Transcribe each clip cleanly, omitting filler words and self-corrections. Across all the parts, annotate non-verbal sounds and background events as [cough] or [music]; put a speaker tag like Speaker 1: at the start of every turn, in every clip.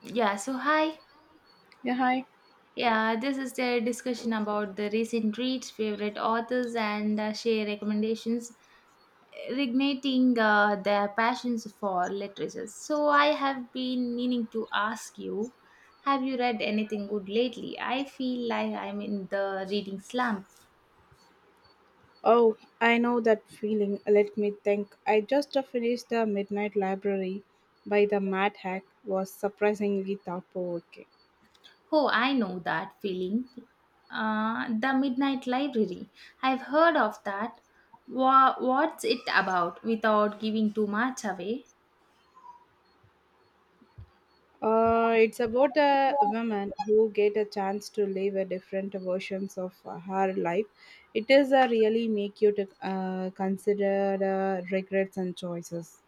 Speaker 1: Yeah, so hi.
Speaker 2: Yeah, hi.
Speaker 1: Yeah, this is the discussion about the recent reads, favorite authors, and share recommendations, reigniting their passions for literature. So, I have been meaning to ask you, have you read anything good lately? I feel like I'm in the reading slump.
Speaker 2: Oh, I know that feeling. Let me think. I just finished The Midnight Library by the Mad Hack was surprisingly thought-provoking.
Speaker 1: Oh, I know that feeling. The Midnight Library. I've heard of that. What's it about without giving too much away?
Speaker 2: It's about a woman who get a chance to live a different versions of her life. It is really make you to consider regrets and choices.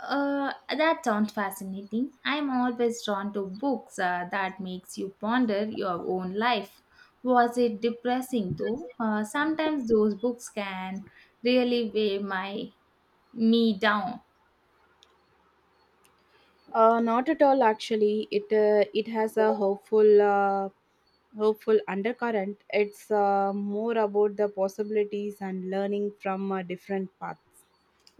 Speaker 1: That sounds fascinating. I'm always drawn to books that makes you ponder your own life. Was it depressing though? Sometimes those books can really weigh my me down.
Speaker 2: Not at all. Actually, it has a hopeful undercurrent, it's more about the possibilities and learning from a different path.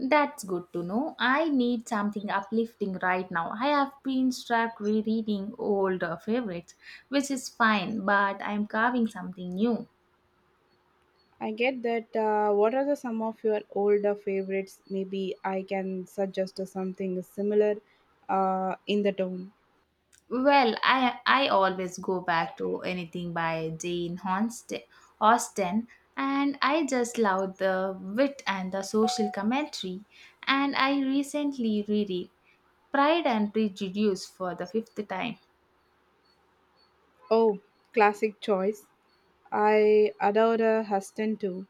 Speaker 1: That's good to know. I need something uplifting right now. I have been stuck rereading old favorites, which is fine, but I'm carving something new.
Speaker 2: I get that. What are the some of your older favorites? Maybe I can suggest something similar in the tone.
Speaker 1: Well, I always go back to anything by Austen, and I just love the wit and the social commentary. And I recently reread Pride and Prejudice for the fifth time.
Speaker 2: Oh, classic choice. I adored Huston too.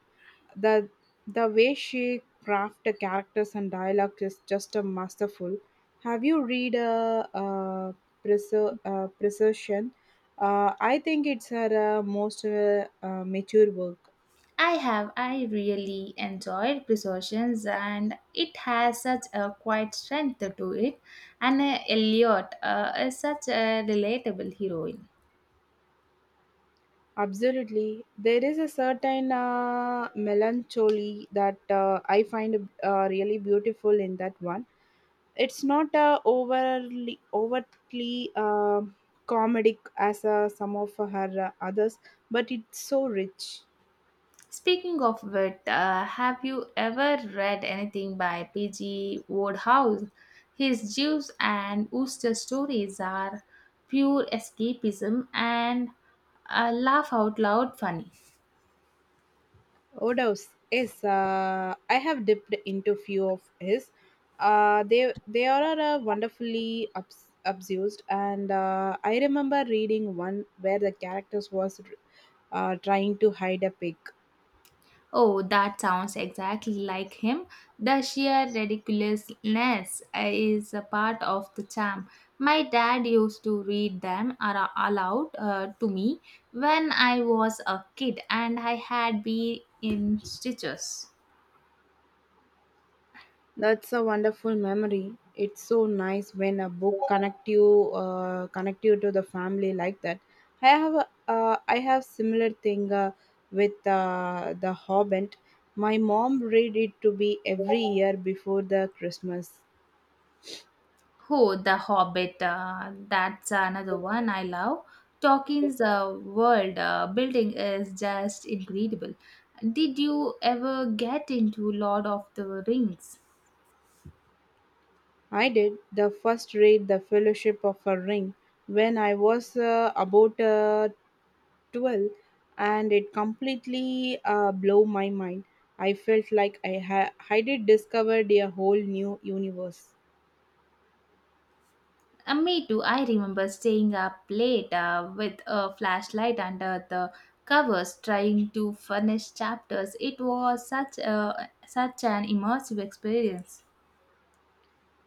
Speaker 2: The the way she crafted characters and dialogue is just a masterful. Have you read a Presertion? I think it's her most mature work.
Speaker 1: I really enjoyed Presumptions, and it has such a quiet strength to it, and Elliot is such a relatable heroine.
Speaker 2: Absolutely, there is a certain melancholy that I find really beautiful in that one. It's not a overly overtly comedic as some of her others, but it's so rich.
Speaker 1: Speaking of which, have you ever read anything by P.G. Wodehouse? His Jews and Ooster stories are pure escapism and laugh out loud funny.
Speaker 2: Odos, yes, I have dipped into few of his. They are wonderfully abused, and I remember reading one where the characters was trying to hide a pig.
Speaker 1: Oh, that sounds exactly like him. The sheer ridiculousness is a part of the charm. My dad used to read them aloud to me when I was a kid and I had been in stitches.
Speaker 2: That's a wonderful memory. It's so nice when a book connect you to the family like that. I have I have similar thing with the Hobbit. My mom read it to be every year before the Christmas.
Speaker 1: Oh, The Hobbit. That's another one I love. Tolkien's world building is just incredible. Did you ever get into Lord of the Rings?
Speaker 2: I did the first read the Fellowship of a Ring when I was about 12, and it completely blew my mind. I felt like I had I did discovered a whole new universe.
Speaker 1: Me too. I remember staying up late with a flashlight under the covers, trying to finish chapters. It was such an immersive experience.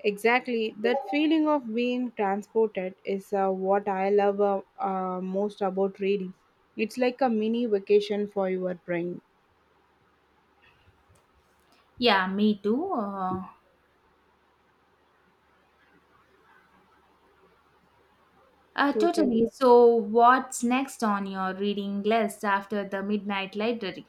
Speaker 2: Exactly, that feeling of being transported is what I love most about reading. It's like a mini vacation for your brain.
Speaker 1: Yeah, me too.
Speaker 2: Totally.
Speaker 1: Totally. So, what's next on your reading list after the Midnight Library?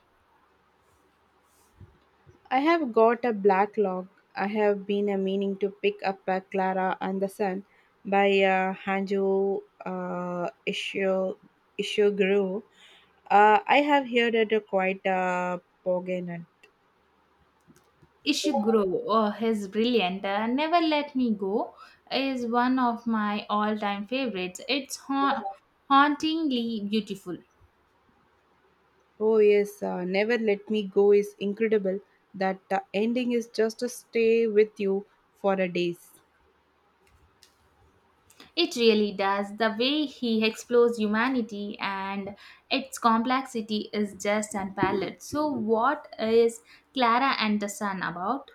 Speaker 2: I have got a black log. I have been a meaning to pick up a Clara and the Sun by Ishiguro. I have heard it quite Poganan.
Speaker 1: Ishiguro, oh, his brilliant Never Let Me Go, is one of my all time favorites. It's hauntingly beautiful.
Speaker 2: Oh yes, Never Let Me Go is incredible. That the ending is just to stay with you for a days.
Speaker 1: It really does. The way he explores humanity and its complexity is just unparalleled. So, what is Clara and the Sun about?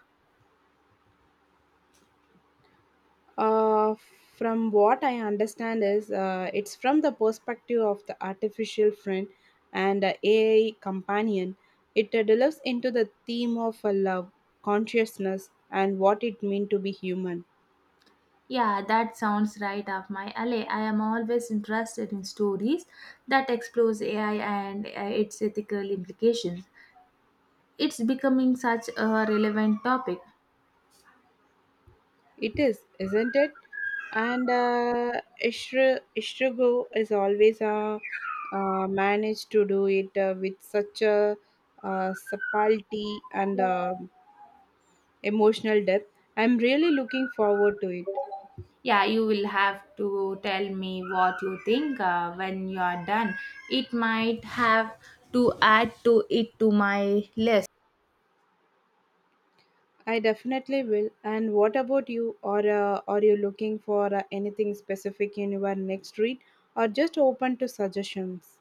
Speaker 2: Uh, from what I understand is it's from the perspective of the artificial friend and AI companion. It delves into the theme of love, consciousness, and what it means to be human.
Speaker 1: Yeah, that sounds right up my alley. I am always interested in stories that explores AI and its ethical implications. It's becoming such a relevant topic.
Speaker 2: It is, isn't it? And Ishrigo is always managed to do it with such a subtlety and emotional depth. I'm really looking forward to it.
Speaker 1: Yeah, you will have to tell me what you think when you are done. It might have to add to it to my list.
Speaker 2: I definitely will. And what about you? Or are you looking for anything specific in your next read, or just open to suggestions?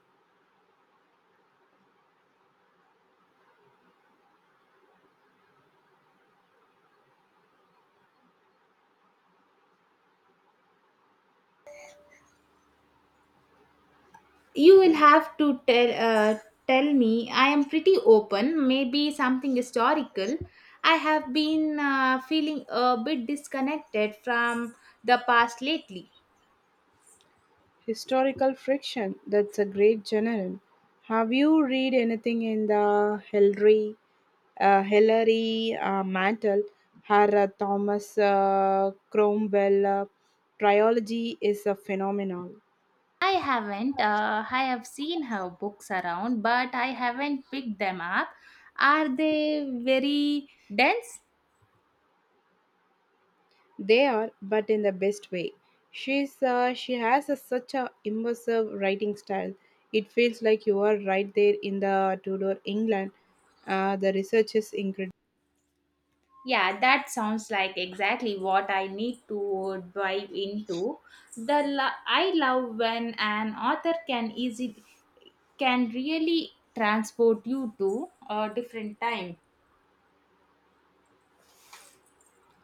Speaker 1: You will have to tell tell me. I am pretty open. Maybe something historical. I have been feeling a bit disconnected from the past lately.
Speaker 2: Historical fiction. That's a great genre. Have you read anything in the Hillary Mantel? Her Thomas Cromwell trilogy is a phenomenal.
Speaker 1: I haven't. I have seen her books around, but I haven't picked them up. Are they very dense?
Speaker 2: They are, but in the best way. She has a, such a immersive writing style. It feels like you are right there in the Tudor England. The research is incredible.
Speaker 1: Yeah, that sounds like exactly what I need to dive into. I love when an author can really transport you to a different time.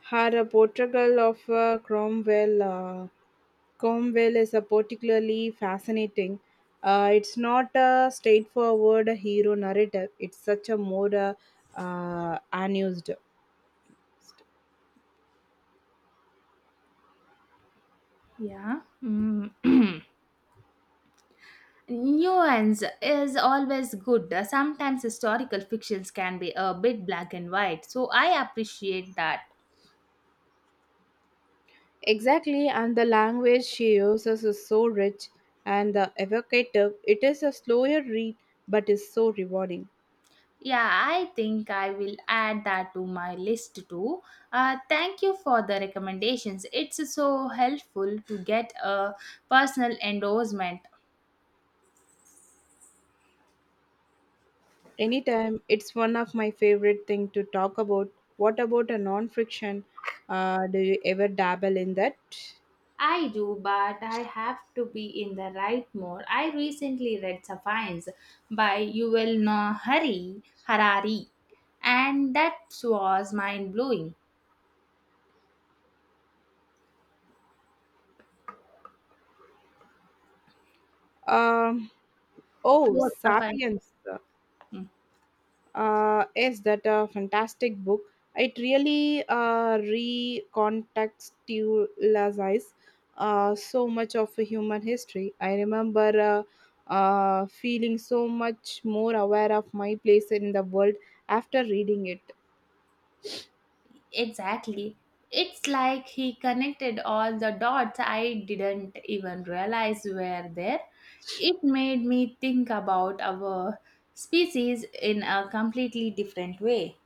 Speaker 2: Her portrayal of Cromwell is particularly fascinating. It's not a straightforward hero narrative. It's such a more unused.
Speaker 1: Yeah. Mm. [clears throat] Nuance is always good. Sometimes historical fictions can be a bit black and white, so I appreciate that.
Speaker 2: Exactly, and the language she uses is so rich and the evocative. It is a slower read, but is so rewarding.
Speaker 1: Yeah, I think I will add that to my list too. Thank you for the recommendations. It's so helpful to get a personal endorsement.
Speaker 2: Anytime, it's one of my favorite thing to talk about. What about a non-fiction? Do you ever dabble in that?
Speaker 1: I do, but I have to be in the right mood. I recently read Sapiens by Harari, and that was mind blowing.
Speaker 2: Um, oh,
Speaker 1: Yes, Sapiens.
Speaker 2: Sapiens.
Speaker 1: Mm.
Speaker 2: Yes, that a fantastic book. It really recontextualizes so much of human history. I remember feeling so much more aware of my place in the world after reading it.
Speaker 1: Exactly. It's like he connected all the dots I didn't even realize were there. It made me think about our species in a completely different way.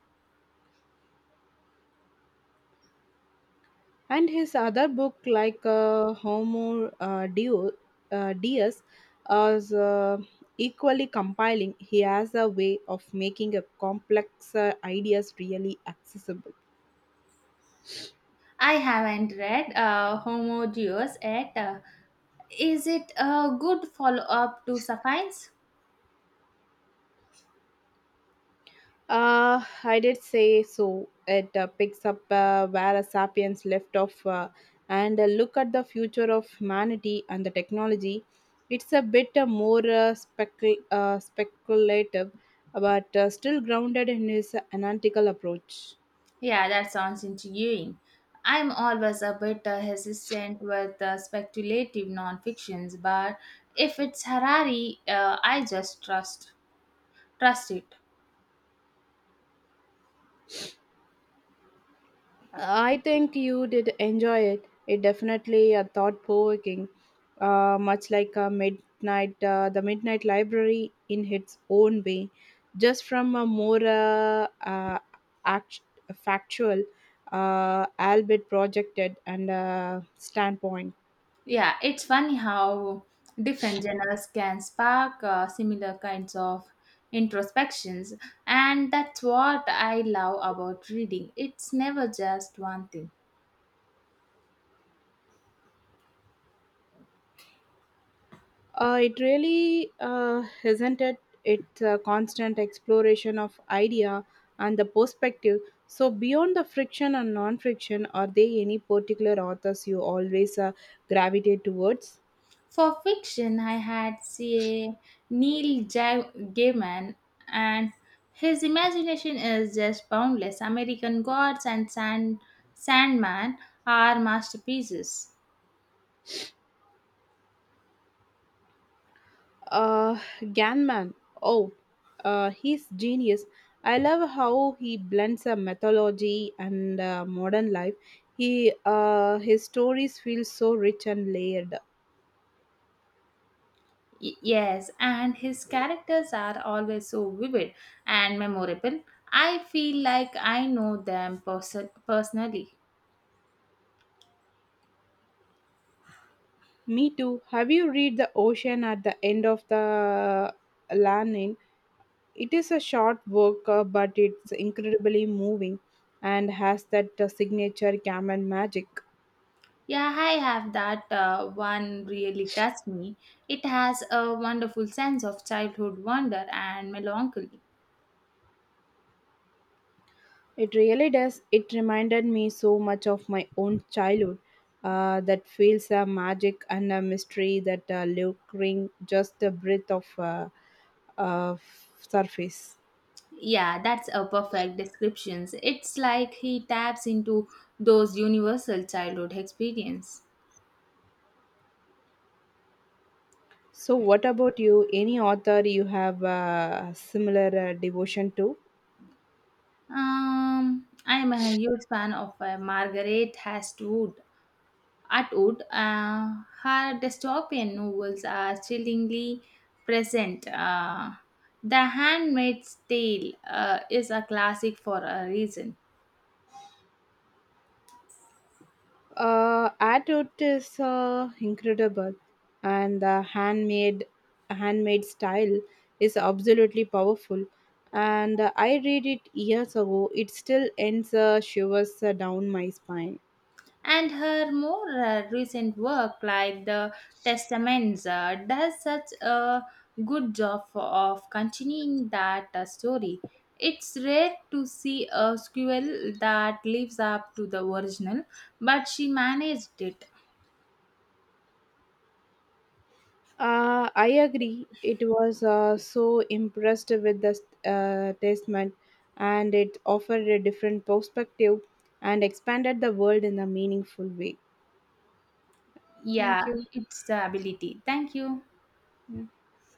Speaker 2: And his other book, like Deus, is equally compelling. He has a way of making a complex ideas really accessible.
Speaker 1: I haven't read Homo Deus yet. Is it a good follow up to Sapiens?
Speaker 2: I did say so. It picks up where a sapiens left off, and a look at the future of humanity and the technology. It's a bit more speculative, but still grounded in his analytical approach.
Speaker 1: Yeah, that sounds intriguing. I'm always a bit hesitant with speculative non-fictions, but if it's Harari, I just trust it.
Speaker 2: I think you did enjoy it. It definitely a thought provoking, much like a the Midnight Library in its own way, just from a more act- factual, albeit projected and standpoint.
Speaker 1: Yeah, it's funny how different genres can spark similar kinds of introspections, and that's what I love about reading. It's never just one thing.
Speaker 2: It really isn't it. It's a constant exploration of idea and the perspective. So beyond the friction and non-friction, are there any particular authors you always gravitate towards?
Speaker 1: For fiction, I had say Gaiman, and his imagination is just boundless. American Gods and Sandman are masterpieces.
Speaker 2: Ganman. Oh, he's genius. I love how he blends a mythology and modern life. He His stories feel so rich and layered.
Speaker 1: Yes, and his characters are always so vivid and memorable. I feel like I know them personally.
Speaker 2: Me too. Have you read The Ocean at the End of the Lanin? It is a short work, but it's incredibly moving and has that signature Cameron magic.
Speaker 1: Yeah, I have that one really touched me. It has a wonderful sense of childhood wonder and melancholy.
Speaker 2: It really does. It reminded me so much of my own childhood. That feels a magic and a mystery that lingering just a breath of uh, surface.
Speaker 1: Yeah, that's a perfect description. It's like he taps into those universal childhood experience.
Speaker 2: So, what about you? Any author you have similar devotion to?
Speaker 1: I'm a huge fan of Margaret Hastwood. Atwood, her dystopian novels are chillingly present. The Handmaid's Tale is a classic for a reason.
Speaker 2: Adult is incredible, and the handmade style is absolutely powerful. And I read it years ago. It still ends shivers down my spine.
Speaker 1: And her more recent work, like The Testaments, does such a good job of continuing that story. It's rare to see a sequel that lives up to the original, but she managed it.
Speaker 2: I agree. It was so impressed with the testament, and it offered a different perspective and expanded the world in a meaningful way.
Speaker 1: Yeah,
Speaker 2: Thank you.
Speaker 1: it's the ability. Thank you.
Speaker 2: Yeah.